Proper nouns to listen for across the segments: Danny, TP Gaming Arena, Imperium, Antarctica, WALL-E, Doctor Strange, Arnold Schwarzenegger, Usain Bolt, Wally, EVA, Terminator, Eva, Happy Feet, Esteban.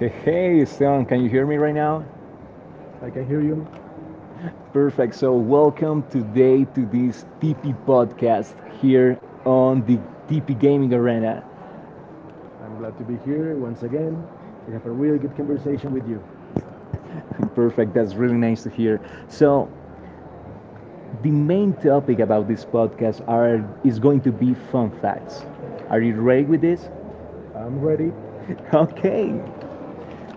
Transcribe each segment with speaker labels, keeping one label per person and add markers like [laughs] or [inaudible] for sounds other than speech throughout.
Speaker 1: Hey, hey, Esteban, can you hear me right now?
Speaker 2: I can hear you.
Speaker 1: Perfect. So, welcome today to this TP podcast here on the TP Gaming Arena.
Speaker 2: I'm glad to be here once again to have a really good conversation with you.
Speaker 1: Perfect. That's really nice to hear. So, the main topic about this podcast are is going to be fun facts. Are you ready with this?
Speaker 2: I'm ready.
Speaker 1: [laughs] Okay.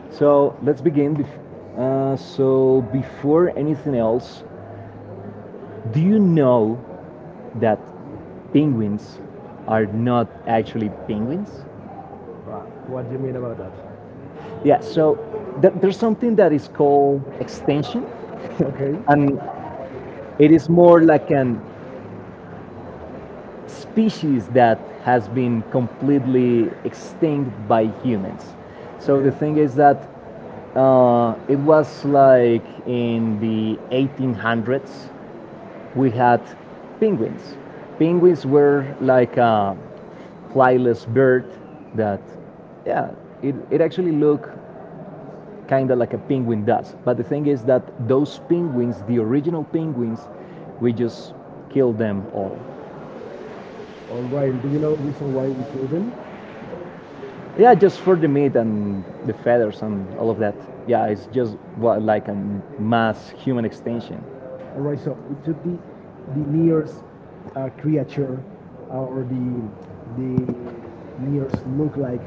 Speaker 1: So, let's begin. Before anything else, do you know that penguins are not actually penguins?
Speaker 2: But what do you mean about that?
Speaker 1: Yeah, so there's something that is called extinction,
Speaker 2: Okay.
Speaker 1: and it is more like an species that has been completely extinct by humans. So
Speaker 2: Okay.
Speaker 1: the thing is that it was like in the 1800s, we had penguins. Penguins were like a flyless bird that, yeah, it actually looked kind of like a penguin does. But the thing is that those penguins, the original penguins, we just killed them all.
Speaker 2: All right. Do you know the reason why we killed them?
Speaker 1: Yeah, just for the meat and the feathers and all of that. Yeah, it's just what, like a mass human extinction.
Speaker 2: All right, so we took the nearest creature or the nearest look like,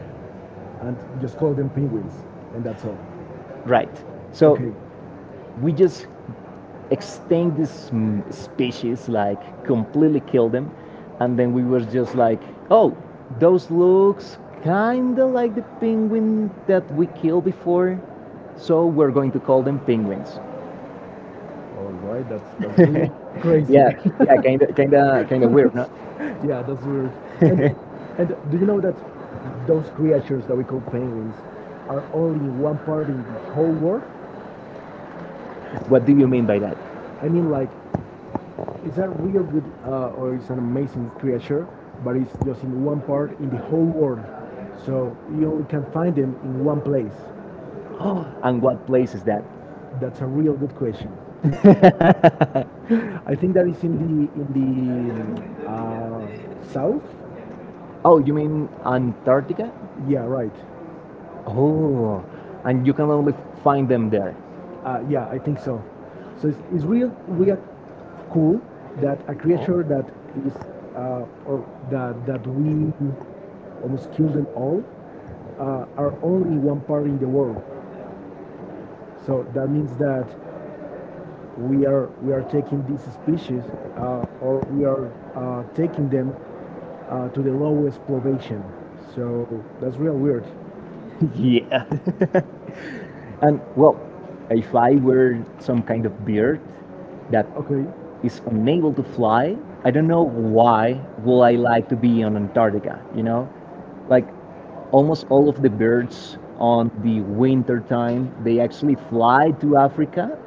Speaker 2: and just call them penguins, and that's all.
Speaker 1: Right. So
Speaker 2: Okay.
Speaker 1: we just extinct this species, like completely kill them, and then we were just like, oh, those looks kinda like the penguin that we killed before, so we're going to call them penguins.
Speaker 2: All right, that's [laughs] weird,
Speaker 1: [laughs]
Speaker 2: crazy.
Speaker 1: Yeah, yeah, kinda weird, no?
Speaker 2: [laughs] Yeah, that's weird. And and do you know that those creatures that we call penguins are only one part in the whole world?
Speaker 1: What do you mean by that? [gasps]
Speaker 2: I mean, like, it's a real good or it's an amazing creature, but it's just in one part in the whole world. So you only can find them in one place.
Speaker 1: Oh, and what place is that?
Speaker 2: That's a real good question.
Speaker 1: [laughs]
Speaker 2: I think that is in the south.
Speaker 1: Oh, you mean Antarctica?
Speaker 2: Yeah, right.
Speaker 1: Oh, and you can only find them there.
Speaker 2: Yeah, I think so. So it's real real cool that a creature that is or that we almost killed them all are only one part in the world.
Speaker 1: Right.
Speaker 2: So that means that we are taking these species or we are taking them to the lowest elevation. So that's real weird.
Speaker 1: Yeah. [laughs] And well, if I were some kind of bird that
Speaker 2: Okay.
Speaker 1: is unable to fly, I don't know why will I like to be on Antarctica, you know? Like almost all of the birds on the winter time, they actually fly to Africa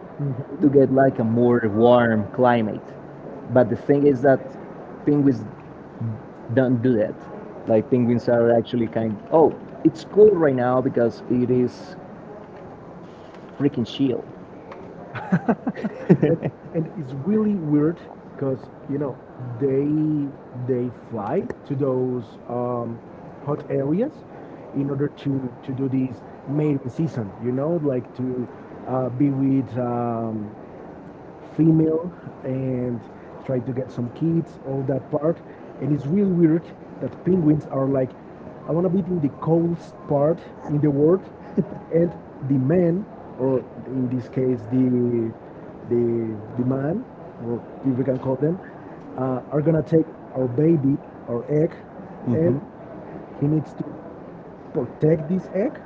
Speaker 1: to
Speaker 2: Mhm.
Speaker 1: get like a more warm climate. But the thing is that penguins don't do that. Like penguins are actually kind oh, it's cool right now because it is freaking chill.
Speaker 2: and, and it's really weird because you know they they fly to those hot areas in order to do this mating season like to be with female and try to get some kids, all that part. And it's really weird that penguins are like, I want to be in the coldest part in the world, and
Speaker 1: [laughs]
Speaker 2: the man, or in this case the man, or if we can call them, are gonna take our baby, our egg, and
Speaker 1: Mm-hmm.
Speaker 2: he
Speaker 1: And
Speaker 2: needs to protect this egg,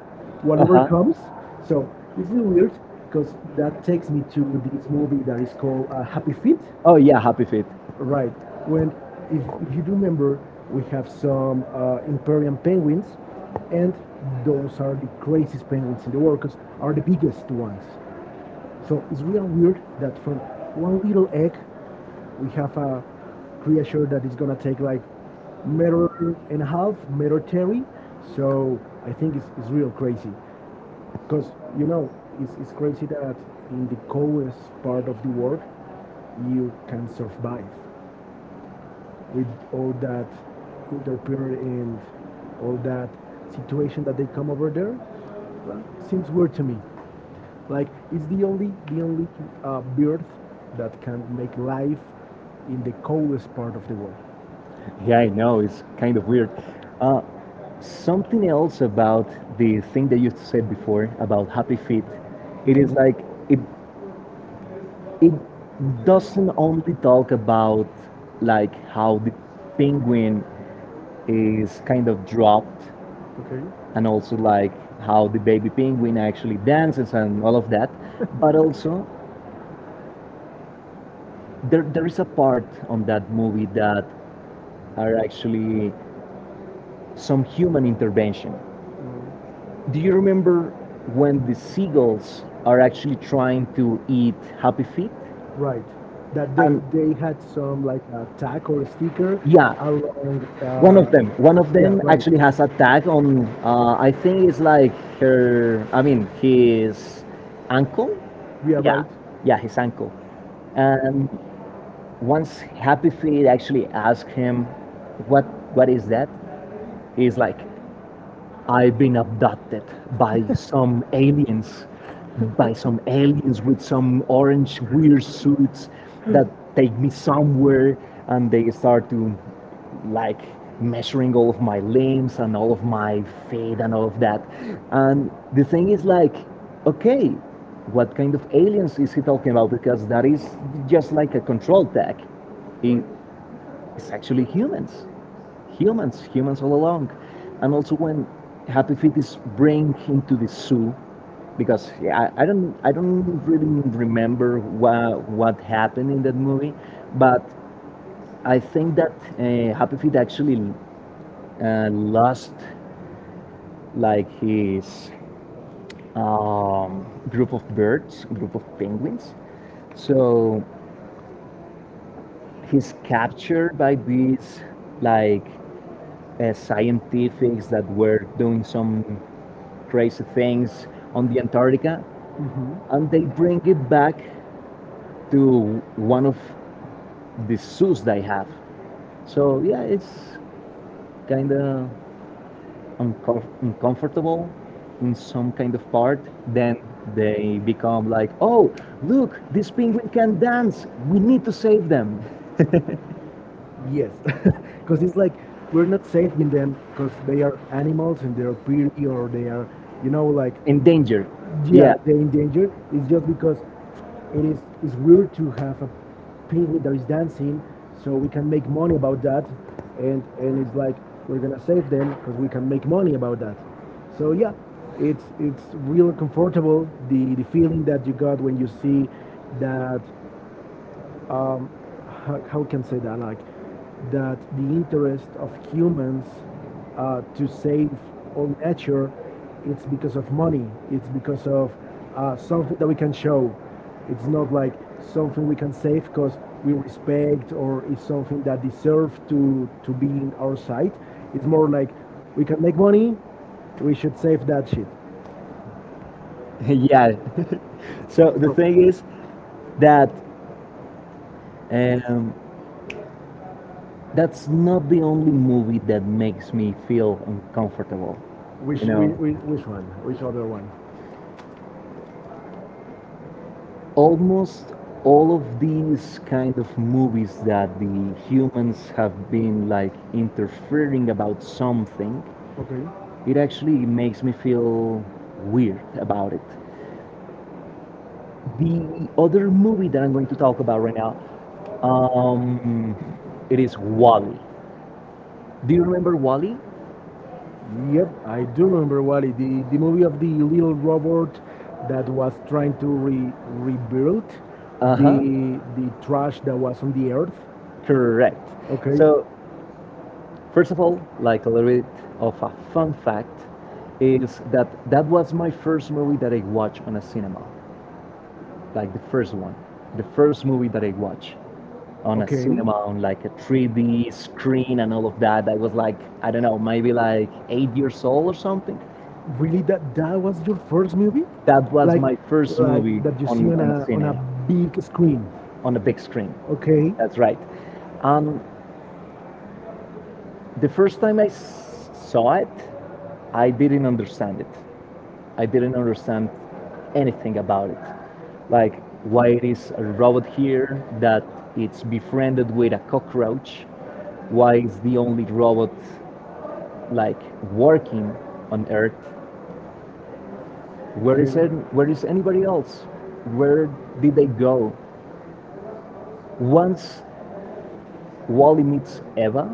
Speaker 2: whatever comes. So it's really weird because that takes me to this movie that is called Happy Feet.
Speaker 1: oh yeah, happy feet.
Speaker 2: Right. When, if you do remember, we have some Imperium penguins, and those are the craziest penguins in the world because are the biggest ones. So it's real weird that from one little egg, we have a creature that is gonna take like meter and a half, meter terry. So I think it's real crazy, because you know it's crazy that in the coldest part of the world, you can survive with all that interference and all that situation that they come over there. Well, seems weird to me. Like it's the only bird that can make life in the coldest part of the world.
Speaker 1: Yeah, I know. It's kind of weird. Uh, Something else about the thing that you said before about Happy Feet. It
Speaker 2: Mhm.
Speaker 1: is like it it doesn't only talk about like how the penguin is kind of dropped
Speaker 2: Okay.
Speaker 1: and also like how the baby penguin actually dances and all of that, but also there is a part on that movie that are actually some human intervention.
Speaker 2: Right.
Speaker 1: Do you remember when the seagulls are actually trying to eat Happy Feet?
Speaker 2: Right. That
Speaker 1: And
Speaker 2: they had some like a tag or a sticker
Speaker 1: yeah,
Speaker 2: along.
Speaker 1: one of
Speaker 2: Yeah.
Speaker 1: them
Speaker 2: Right.
Speaker 1: actually has a tag on. I think it's like her. I mean, his ankle.
Speaker 2: We are
Speaker 1: Yeah,
Speaker 2: right.
Speaker 1: yeah, his ankle. And once Happy Feet actually asked him, "What, what is that?" He's like, I've been abducted by some aliens, by some aliens with some orange weird suits that take me somewhere and they start to like measuring all of my limbs and all of my feet and all of that. And the thing is like, okay, what kind of aliens is he talking about? Because that is just like a control tech.
Speaker 2: Right.
Speaker 1: It- It's actually humans, humans all along. And also when Happy Feet is bring him to the zoo, because yeah, I don't really remember what happened in that movie, but I think that Happy Feet actually lost like his group of birds, group of penguins. So he's captured by these like scientifics that were doing some crazy things on the Antarctica,
Speaker 2: Hmm.
Speaker 1: and they bring it back to one of the zoos they have. So yeah, it's kind of uncomfortable in some kind of part. Then they become like, oh, look, this penguin can dance. We need to save them.
Speaker 2: Yes, [laughs] because it's like we're not saving them because they are animals and they're pretty or they are, you know, like
Speaker 1: Endangered.
Speaker 2: yeah,
Speaker 1: Yeah,
Speaker 2: they're in danger. It's just because it is it's weird to have a penguin that is dancing, so we can make money about that, and it's like we're gonna save them because we can make money about that. So yeah, it's real comfortable the feeling that you got when you see that um, how can say that like that the interest of humans to save all nature, it's because of money, it's because of something that we can show. It's not like something we can save because we respect or is something that deserves to be in our sight. It's more like we can make money, we should save that shit.
Speaker 1: [laughs] yeah. So the
Speaker 2: So
Speaker 1: thing is that um, that's not the only movie that makes me feel uncomfortable. You know,
Speaker 2: which one, which other one?
Speaker 1: almost all of these kind of movies that the humans have been like interfering about something,
Speaker 2: Okay.
Speaker 1: it actually makes me feel weird about it. The other movie that I'm going to talk about right now, um, it is Wally. Do you remember Wally?
Speaker 2: Yep, I do remember Wally, the movie of the little robot that was trying to re- rebuild
Speaker 1: Uh huh.
Speaker 2: the trash that was on the earth.
Speaker 1: Correct.
Speaker 2: Okay,
Speaker 1: So first of all, like a little bit of a fun fact, is that that was my first movie that I watched on a cinema, like the first one, the first movie that I watched on a
Speaker 2: okay.
Speaker 1: cinema on like a 3D screen and all of that. I was like, I don't know, maybe like 8 years old or something.
Speaker 2: Really, that that was your first movie,
Speaker 1: That was
Speaker 2: like
Speaker 1: my first
Speaker 2: like
Speaker 1: movie
Speaker 2: that you see on
Speaker 1: on a
Speaker 2: a
Speaker 1: cine,
Speaker 2: big screen.
Speaker 1: on a big screen.
Speaker 2: Okay,
Speaker 1: That's right. Um, the first time saw it, I didn't understand it. I didn't understand anything about it. Like why it is a robot here that it's befriended with a cockroach, why it's the only robot like working on Earth. Where
Speaker 2: okay,
Speaker 1: is it? Where is anybody else? Where did they go? Once Wally meets Eva,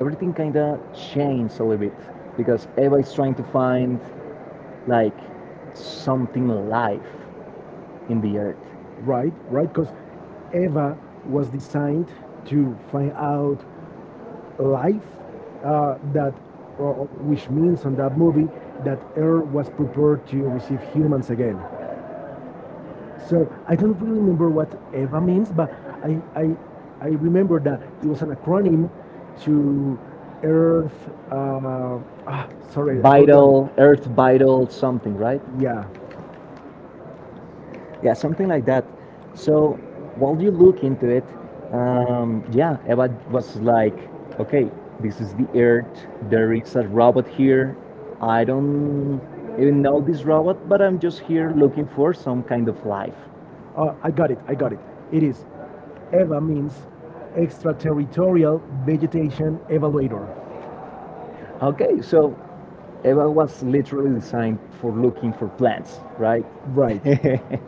Speaker 1: everything kinda changed a little bit because Eva is trying to find like something alive in the
Speaker 2: right, right. Because Eva was designed to find out life uh, that, or- which means on that movie that Earth was prepared to receive humans again. So I don't really remember what EVA means, but I, I, I remember that it was an acronym to Earth. Sorry, I forgot it.
Speaker 1: earth vital something, right?
Speaker 2: Yeah.
Speaker 1: Yeah, something like that. So while you look into it, yeah, Eva was like, okay, this is the earth. There is a robot here. I don't even know this robot, but I'm just here looking for some kind of life.
Speaker 2: I got it. I got it. It is EVA means extraterritorial vegetation evaluator.
Speaker 1: Okay, so Eva was literally designed for looking for plants, right?
Speaker 2: Right.
Speaker 1: [laughs]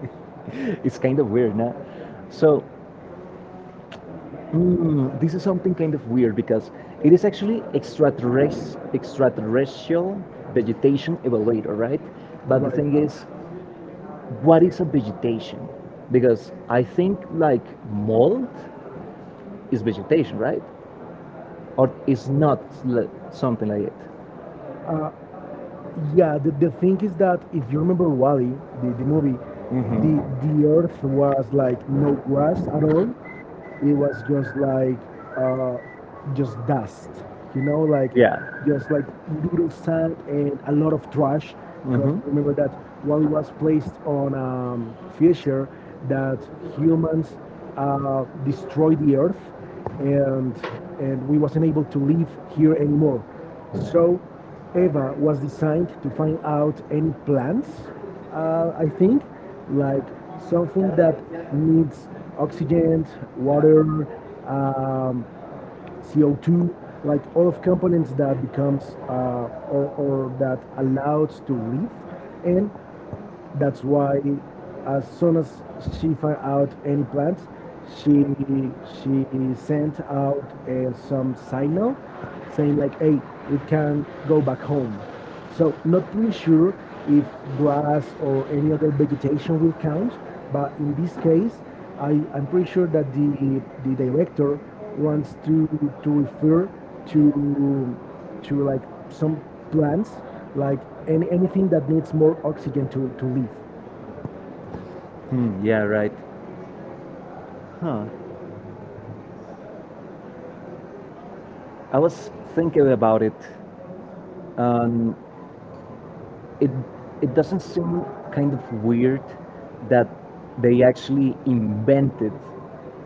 Speaker 1: It's kind of weird, no? So mm, this is something kind of weird because it is actually extraterrestrial vegetation evaluator, right? But the
Speaker 2: Right.
Speaker 1: thing is, what is a vegetation? Because I think like mold is vegetation, right? Or is not something like it.
Speaker 2: Uh, yeah, the thing is that if you remember Wally, the movie, the
Speaker 1: Hmm.
Speaker 2: the earth was like no grass at all. It was just like uh, just dust, you know, like
Speaker 1: Yeah.
Speaker 2: just like little sand and a lot of trash. Because
Speaker 1: Hmm.
Speaker 2: remember that Wally was placed on a fissure that humans destroyed the earth, and and we wasn't able to live here anymore. So Eva was designed to find out any plants, I think, like something that needs oxygen, water, um, CO2, like all of components that becomes or that allows to live. And that's why, as soon as she found out any plans, she she sent out some signal saying like, "Hey, we can go back home." So not really sure if grass or any other vegetation will count, but in this case, I'm pretty sure that the director wants to refer to to like some plants, like anything that needs more oxygen to live.
Speaker 1: Hmm, yeah, right. Huh. I was thinking about it. It it doesn't seem kind of weird that they actually invented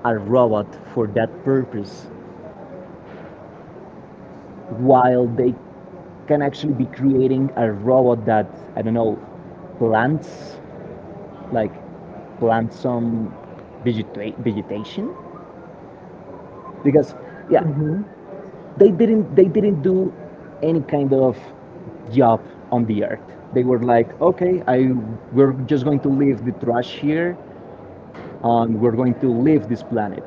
Speaker 1: a robot for that purpose, while they can actually be creating a robot that, I don't know, plants, like plant some vegetation, because yeah,
Speaker 2: Hmm.
Speaker 1: they didn't do any kind of job on the earth. They were like, okay, I we're just going to leave the trash here and we're going to leave this planet,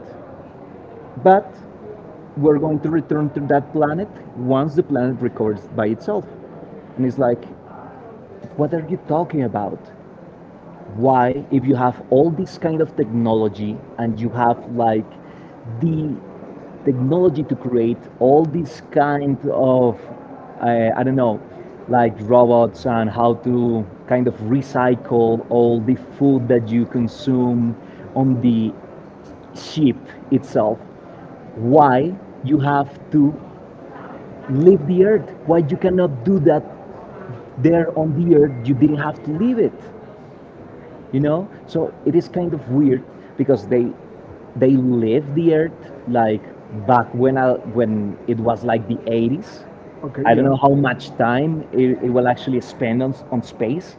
Speaker 1: but we're going to return to that planet once the planet recovers by itself. And it's like, what are you talking about? Why, if you have all this kind of technology and you have like the technology to create all these kind of, I don't know, like robots and how to kind of recycle all the food that you consume on the ship itself, why you have to leave the earth? Why you cannot do that there on the earth? You didn't have to leave it, you know? So it is kind of weird because they live the earth like back when when it was like the 80s.
Speaker 2: Okay,
Speaker 1: I don't know
Speaker 2: yeah.
Speaker 1: how
Speaker 2: Do
Speaker 1: much time it will actually spend on, on space,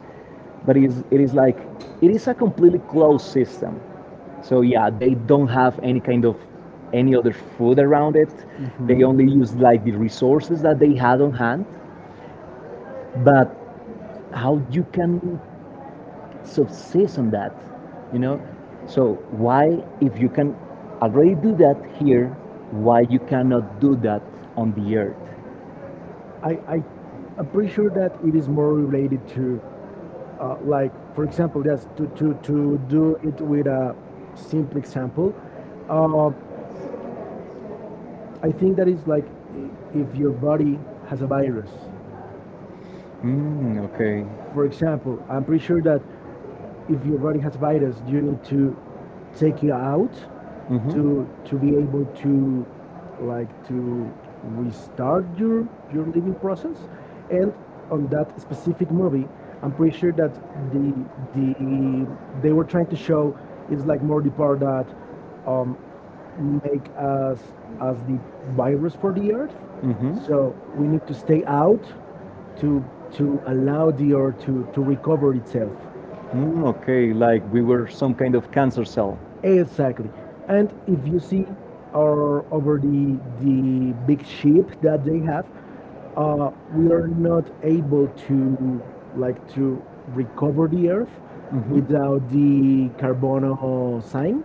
Speaker 1: but it is like it is a completely closed system, so yeah, they don't have any kind of any other food around it. They
Speaker 2: hmm
Speaker 1: only use like the resources that they had on hand, but how you can success on that, you know? So why, if you can already do that here, why you cannot do that on the earth?
Speaker 2: I, I I'm pretty sure that it is more related to like for example just to do it with a simple example, uh, I think that is like i- if your body has a virus.
Speaker 1: Mm, okay.
Speaker 2: For example, I'm pretty sure that if your body has virus, you need to take it out
Speaker 1: Hmm.
Speaker 2: to be able to like to restart your living process. And on that specific movie, I'm pretty sure that the the they were trying to show is like more the part that um, make us as the virus for the earth. So we
Speaker 1: Mm-hmm.
Speaker 2: need to stay out to to allow the earth to recover itself.
Speaker 1: Mm, okay, like we were some kind of cancer cell.
Speaker 2: Exactly. And if you see our, over the big ship that they have, we are not able to
Speaker 1: Mm-hmm.
Speaker 2: like to recover the earth without the carbono sign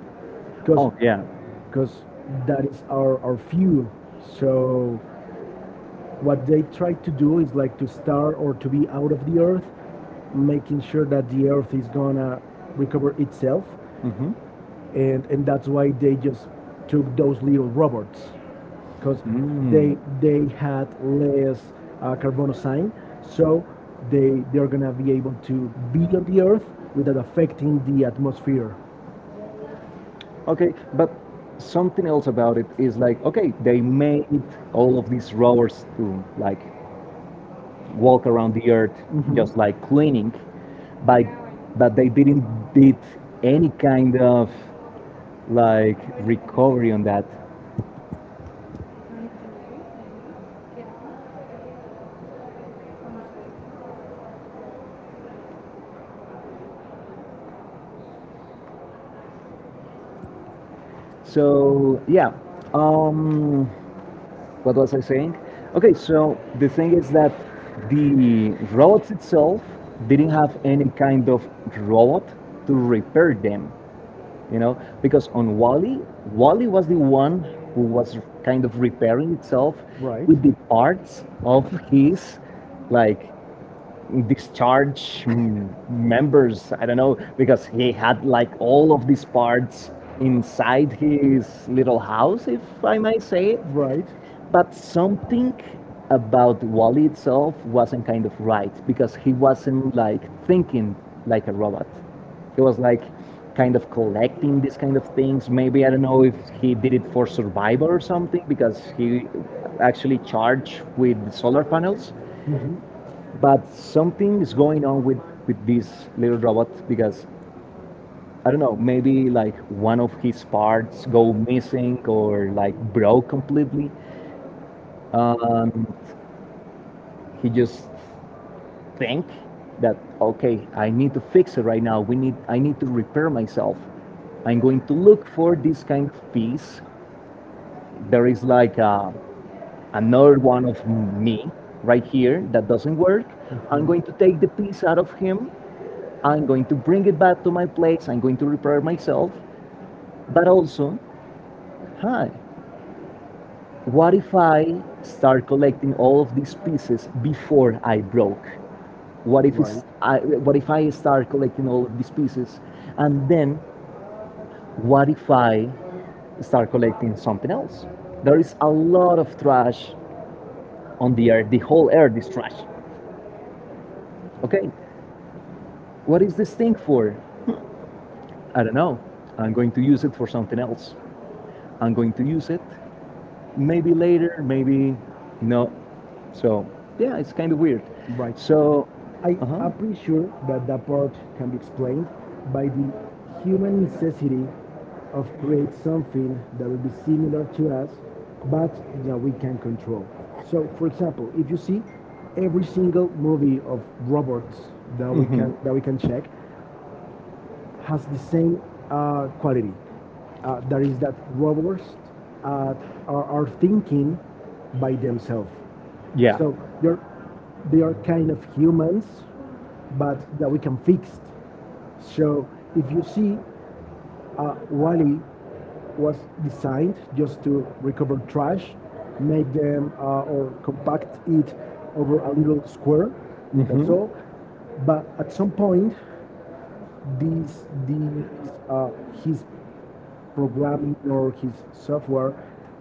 Speaker 2: because oh,
Speaker 1: Oh,
Speaker 2: yeah.
Speaker 1: yeah.
Speaker 2: Because that is our fuel. So what they try to do is like to star or to be out of the earth, making sure that the earth is gonna recover itself,
Speaker 1: Mm-hmm.
Speaker 2: and that's why they just took those little robots because they had less carbonoxide, so they they're gonna be able to be on the
Speaker 1: Mm.
Speaker 2: Earth without affecting the atmosphere.
Speaker 1: Okay, but something else about it is like, okay, they made all of these rovers to like
Speaker 2: Well,
Speaker 1: walk around the earth just like
Speaker 2: mhm.
Speaker 1: cleaning, by, but they didn't did any kind of like recovery on that. So yeah, um, what was I saying? Okay, so the thing is that the robots itself didn't have any kind of robot to repair them, you know, because on wally, wally was the one who was kind of repairing itself
Speaker 2: Right.
Speaker 1: with the parts of
Speaker 2: [laughs]
Speaker 1: his like discharge mm, members, I don't know, because he had like all of these parts inside his little house, if I may say it.
Speaker 2: Right.
Speaker 1: But something about Wally itself wasn't kind of right because he wasn't like thinking like a robot. He was like kind of collecting these kind of things. Maybe I don't know if he did it for survival or something because he actually charged with solar panels.
Speaker 2: Mhm.
Speaker 1: But something is going on with this little robot because I don't know, maybe like one of his parts go missing or like broke completely. Um, he just think that okay, I need to fix it right now. We need I need to repair myself. I'm going to look for this kind of piece. There is like a another one of me right here that doesn't work. I'm going to take the piece out of him. I'm going to bring it back to my place. I'm going to repair myself. But also, hi, what if I start collecting all of these pieces before I broke?
Speaker 2: Right.
Speaker 1: What if I start collecting all of these pieces, and then what if I start collecting something else? There is a lot of trash on the earth. The whole earth is trash. Okay, what is this thing for? I don't know. I'm going to use it for something else. I'm going to use it maybe later, maybe no. So yeah, it's kind of weird.
Speaker 2: Right. So
Speaker 1: So,
Speaker 2: I
Speaker 1: uh huh,
Speaker 2: am pretty sure that the approach can be explained by the human necessity of create something that will be similar to us, but that we can control. So, for example, if you see every single movie of robots that
Speaker 1: mm-hmm.
Speaker 2: we can check, has the same quality. That is that robots uh, are thinking by themselves.
Speaker 1: Yeah.
Speaker 2: So they are kind of humans, but that we can fix. So if you see, Wally was designed just to recover trash, make them or compact it over a little square. That's
Speaker 1: Mm-hmm.
Speaker 2: all. But at some point, these uh, his programming or his software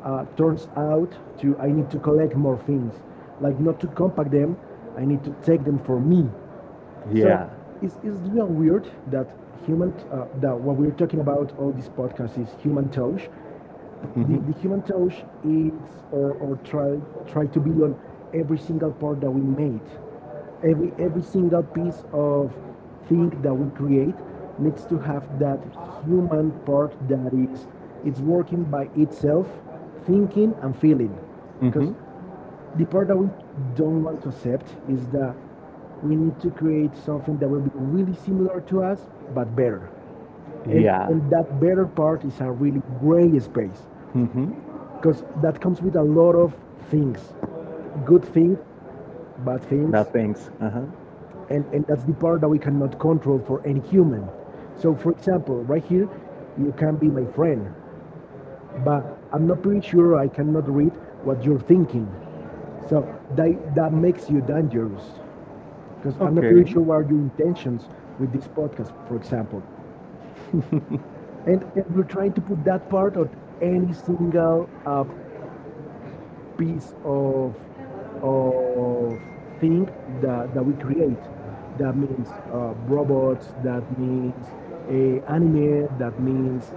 Speaker 2: turns out to I need to collect more things, like not to compact them, I need to take them for me. So
Speaker 1: Yeah.
Speaker 2: it's real weird that human that what we're talking about all this podcast is human touch. The,
Speaker 1: Mm-hmm.
Speaker 2: the human touch is or try try to be on every single part that we made. Every single piece of thing that we create needs to have that human part that is it's working by itself, thinking and feeling. Because
Speaker 1: Mm-hmm.
Speaker 2: the part that we don't want to accept is that we need to create something that will be really similar to us but better,
Speaker 1: Yeah.
Speaker 2: and that better part is a really gray space
Speaker 1: Mm-hmm.
Speaker 2: because that comes with a lot of things, good things, bad things,
Speaker 1: That things. Uh-huh.
Speaker 2: and that's the part that we cannot control for any human. So for example right here, you can be my friend, but I'm not pretty sure, I cannot read what you're thinking. So that makes you dangerous because I'm not
Speaker 1: Okay.
Speaker 2: pretty sure what are your intentions with this podcast, for example. And we're trying to put that part on any single piece of thing that, that we create. That means robots, that means a anime, that means,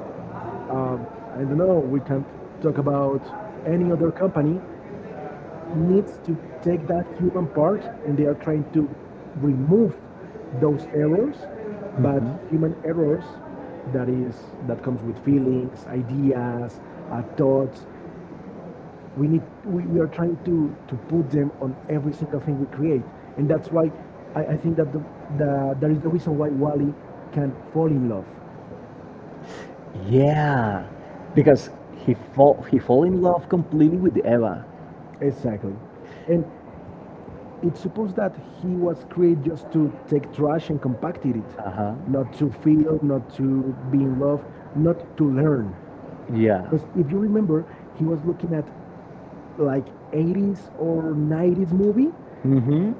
Speaker 2: um, I don't know, we can talk about any other company needs to take that human part and they are trying to remove those errors but human errors that is that comes with feelings, ideas, thoughts.
Speaker 1: Mm-hmm.
Speaker 2: We are trying to put them on every single thing we create. And that's why I think that the that is the reason why Wally can fall in love.
Speaker 1: Yeah, because he fall in love completely with Eva.
Speaker 2: Exactly. And it's supposed that he was created just to take trash and compacted it,
Speaker 1: Uh huh.
Speaker 2: not to feel, not to be in love, not to learn.
Speaker 1: Yeah.
Speaker 2: Because if you remember, he was looking at like 80s or 90s movie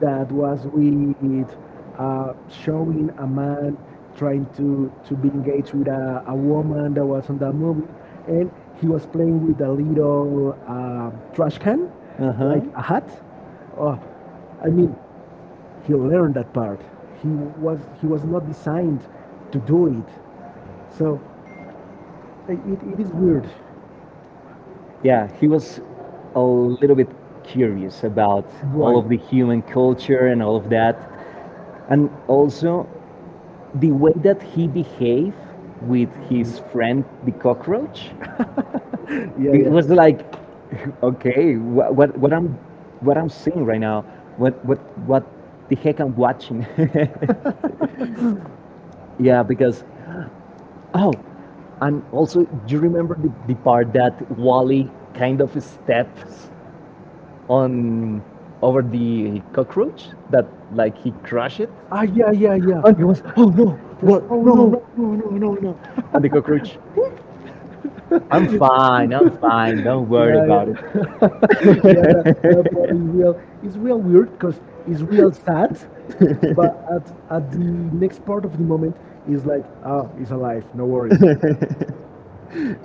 Speaker 2: that was with showing a man trying to be engaged with a woman that was on that movie. And he was playing with a little trash can,
Speaker 1: Uh
Speaker 2: like a
Speaker 1: huh.
Speaker 2: hat. Oh, I mean, he learned that part. He was not designed to do it. So it is weird.
Speaker 1: Yeah, he was a little bit curious about all
Speaker 2: Right.
Speaker 1: of the human culture and all of that. And also the way that he behaved with his friend, the cockroach,
Speaker 2: Yeah,
Speaker 1: it
Speaker 2: yeah.
Speaker 1: was like, [laughs] okay, what I'm seeing right now, what, what, what the heck I'm watching. [laughs] Yeah, because, oh, and also, do you remember the part that Wally kind of steps on over the cockroach that like he crushed it.
Speaker 2: Ah, yeah, yeah, yeah.
Speaker 1: And he was, oh no,
Speaker 2: Just,
Speaker 1: what?
Speaker 2: oh
Speaker 1: No, no,
Speaker 2: no.
Speaker 1: no, no, no, no. And the cockroach, I'm fine, don't worry
Speaker 2: Yeah,
Speaker 1: about it.
Speaker 2: yeah, [laughs] yeah. That that part is real. It's real weird because it's real sad, but at the next part of the moment is like ah, it's alive. No worries.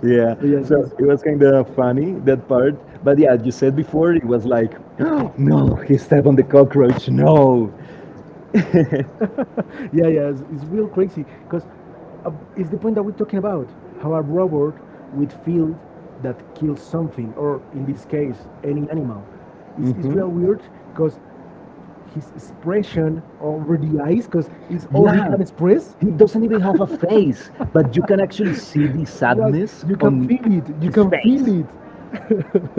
Speaker 1: Yeah,
Speaker 2: So yes,
Speaker 1: so
Speaker 2: it's
Speaker 1: it was kind of funny that part. But yeah, you said before it was like, [gasps] no, he stepped on the cockroach. No.
Speaker 2: [laughs] yeah, yeah, it's real crazy because it's the point that we're talking about. How a robot with field that kills something, or in this case, any animal, is real
Speaker 1: Mhm.
Speaker 2: weird because his expression over the eyes, because it's all he
Speaker 1: Yeah,
Speaker 2: can express.
Speaker 1: he doesn't even have a face, but you can actually see the
Speaker 2: [laughs] Right,
Speaker 1: sadness
Speaker 2: exactly, you can
Speaker 1: on
Speaker 2: feel it, you
Speaker 1: his
Speaker 2: can
Speaker 1: face.
Speaker 2: feel it.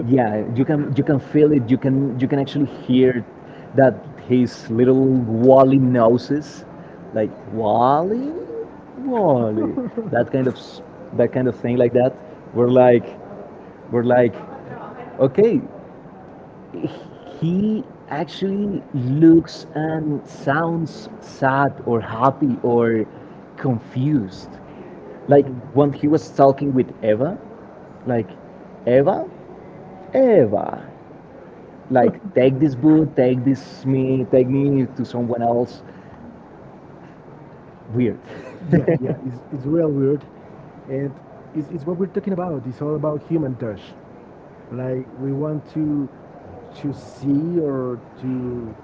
Speaker 1: Yeah, you can feel it. You can actually hear that his little Wally noses, like Wally, that that kind of thing like that. We're like we're like, okay, he actually looks and sounds sad or happy or confused. Like when he was talking with Eva, like, Eva, Eva, like, take this boot, take this me, take me to someone else. Weird.
Speaker 2: Yeah, yeah, it's real weird. And it's what we're talking about. It's all about human touch. Like we want to see or to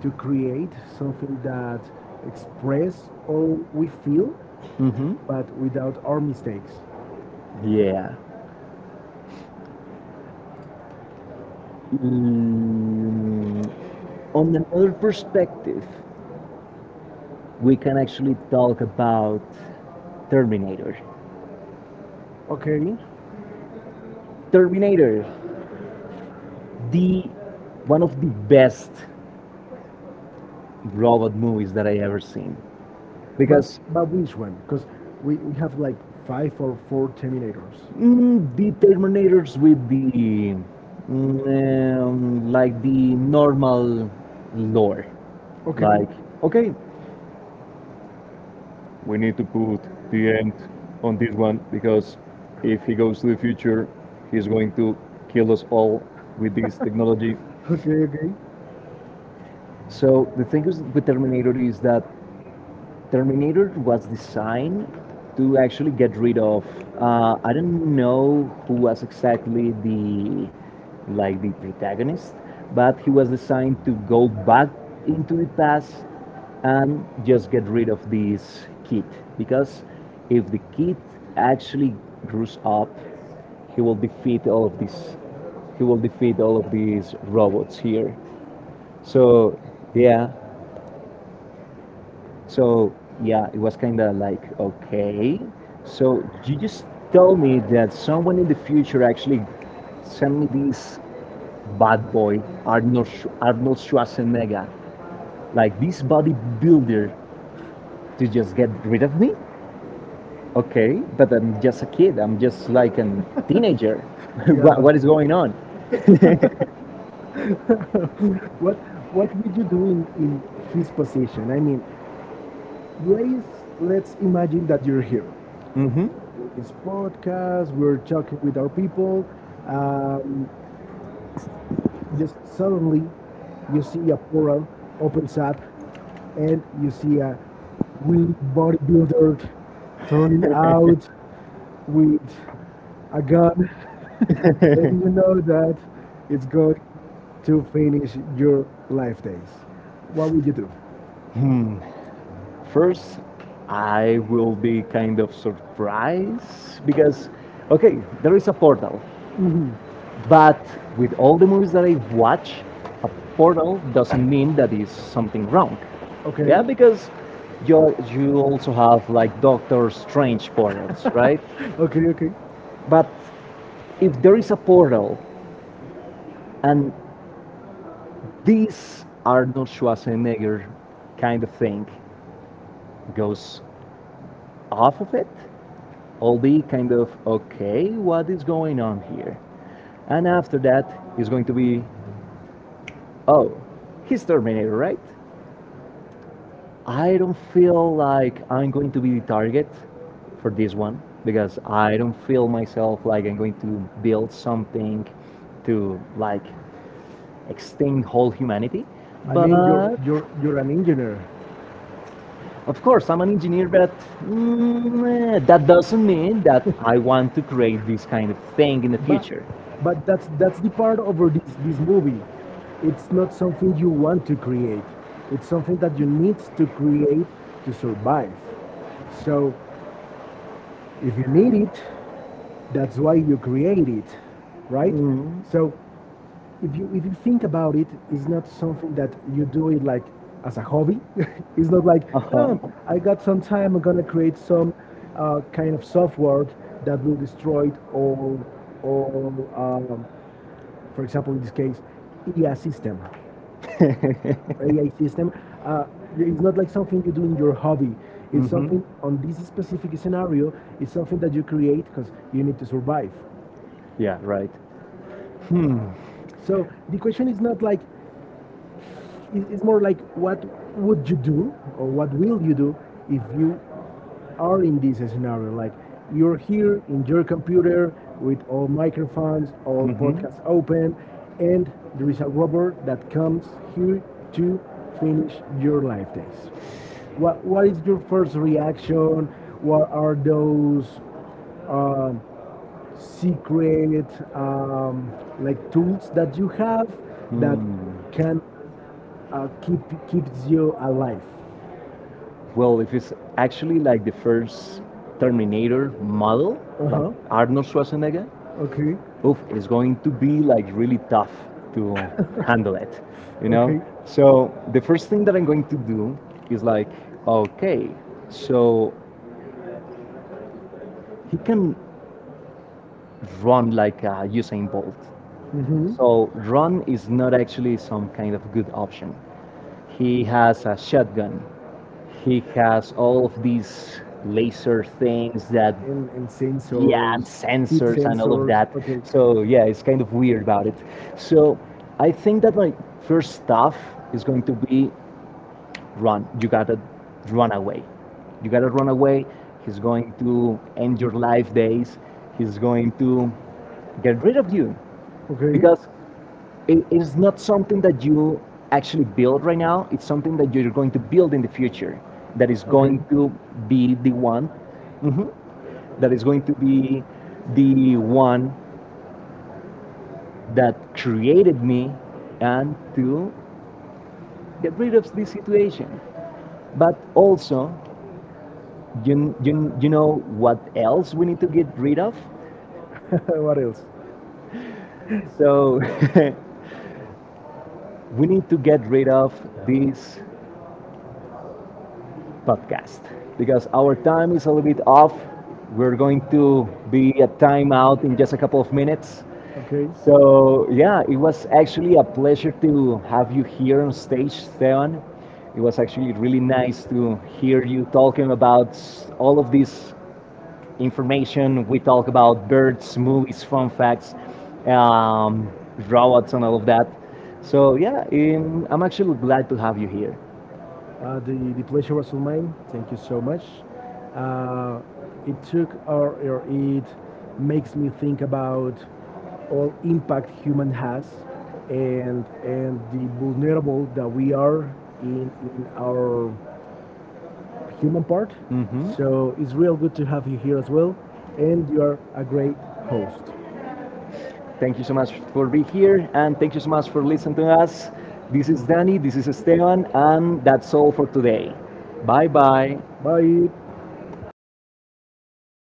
Speaker 2: to create something that express all we feel
Speaker 1: Mm-hmm.
Speaker 2: but without our mistakes.
Speaker 1: Yeah. Mm, on another perspective, we can actually talk about Terminator.
Speaker 2: Okay?
Speaker 1: Terminator. The one of the best robot movies that I ever seen
Speaker 2: But
Speaker 1: because
Speaker 2: but which one? Because we have like five or four terminators.
Speaker 1: mm, the Terminators with the like the normal lore,
Speaker 2: Okay,
Speaker 1: like okay, we need to put the end on this one because if he goes to the future, he's going to kill us all with this technology.
Speaker 2: okay, okay.
Speaker 1: So the thing is with Terminator is that Terminator was designed to actually get rid of. I don't know who was exactly the like the protagonist, but he was designed to go back into the past and just get rid of this kid because if the kid actually grows up, he will defeat all of these. He will defeat all of these robots here. So yeah, so yeah, it was kind of like, okay. So you just told me that someone in the future actually sent me this bad boy, Arnold Schwarzenegger, like this bodybuilder to just get rid of me? Okay, but I'm just a kid. I'm just like a teenager. [laughs]
Speaker 2: Yeah,
Speaker 1: What
Speaker 2: but
Speaker 1: is going on?
Speaker 2: What what would you do in his position? I mean, let's let's imagine that you're here.
Speaker 1: hmm
Speaker 2: This podcast, we're talking with our people. Um, just suddenly, you see a portal opens up, and you see a real bodybuilder turning out with a gun. [laughs] And you know that it's going to finish your life days. What would you do?
Speaker 1: First, I will be kind of surprised because, okay, there is a portal.
Speaker 2: Hmm.
Speaker 1: But with all the movies that I watch, a portal doesn't mean that is something wrong.
Speaker 2: Okay.
Speaker 1: Yeah,
Speaker 2: [laughs]
Speaker 1: because you also have like Doctor Strange portals, right?
Speaker 2: Okay. Okay. I
Speaker 1: But if there is a portal and this Arnold Schwarzenegger kind of thing goes off of it, I'll be kind of okay, what is going on here? And after that, it's going to be, oh, he's Terminator, right? I don't feel like I'm going to be the target for this one because I don't feel myself like I'm going to build something to like extinct whole humanity. But
Speaker 2: mean, you're an engineer.
Speaker 1: of course, I'm an engineer, but that doesn't mean that I
Speaker 2: [laughs]
Speaker 1: want to create this kind of thing in the
Speaker 2: But
Speaker 1: future.
Speaker 2: but that's the part over this this movie. It's not something you want to create. It's something that you need to create to survive. So if you need it, that's why you create it, right?
Speaker 1: Mm.
Speaker 2: So if you think about it, it's not something that you do it like as a hobby. [laughs] It's not like
Speaker 1: Uh
Speaker 2: oh, I
Speaker 1: huh.
Speaker 2: got some time. I'm gonna create some kind of software that will destroy all for example in this case AI system.
Speaker 1: [laughs]
Speaker 2: AI system. Uh, it's not like something you do in your hobby. It's
Speaker 1: Hmm.
Speaker 2: something on this specific scenario. It's something that you create because you need to survive.
Speaker 1: Yeah, right. Hmm.
Speaker 2: So the question is not like it's more like what would you do or what will you do if you are in this scenario like you're here in your computer with all microphones all podcasts open
Speaker 1: Hmm.
Speaker 2: and there is a robber that comes here to finish your life days. What is your first reaction, what are those um, secret um, like tools that you have that
Speaker 1: Hmm.
Speaker 2: can keep keeps you alive.
Speaker 1: Well, if it's actually like the first Terminator model,
Speaker 2: Uh
Speaker 1: like
Speaker 2: huh.
Speaker 1: Arnold Schwarzenegger,
Speaker 2: Okay.
Speaker 1: oof, it's going to be like really tough to handle it, you know?
Speaker 2: Okay.
Speaker 1: So the first thing that I'm going to do is like, okay, so he can run like Usain Bolt.
Speaker 2: Mm-hmm.
Speaker 1: So run is not actually some kind of good option. He has a shotgun. He has all of these laser things that,
Speaker 2: And
Speaker 1: yeah, and
Speaker 2: sensors, heat
Speaker 1: sensors and all of
Speaker 2: sensors.
Speaker 1: that.
Speaker 2: Okay.
Speaker 1: So, yeah, it's kind of weird about it. So, I think that my first stuff is going to be run. You gotta run away. You gotta run away. He's going to end your life days. He's going to get rid of you
Speaker 2: Okay.
Speaker 1: because it is not something that you actually build right now. It's something that you're going to build in the future that is
Speaker 2: Okay.
Speaker 1: going to be the one mhm, that is going to be the one that created me and to get rid of this situation. But also, you know what else we need to get rid of?
Speaker 2: [laughs] What else?
Speaker 1: So [laughs] we need to get rid of this podcast because our time is a little bit off. We're going to be a timeout in just a couple of minutes.
Speaker 2: Okay, so,
Speaker 1: So, yeah, it was actually a pleasure to have you here on stage, Stevan. It was actually really nice to hear you talking about all of this information. We talk about birds, movies, fun facts, um, robots, and all of that. So, yeah, I'm actually glad to have you here.
Speaker 2: the pleasure was all mine. Thank you so much. Uh, it took or it makes me think about all impact human has and the vulnerable that we are in our human part.
Speaker 1: Hmm.
Speaker 2: So it's real good to have you here as well. And you are a great host.
Speaker 1: Thank you so much for being here, and thank you so much for listening to us. This is Danny, this is Esteban, and that's all for today. Bye bye.
Speaker 2: Bye.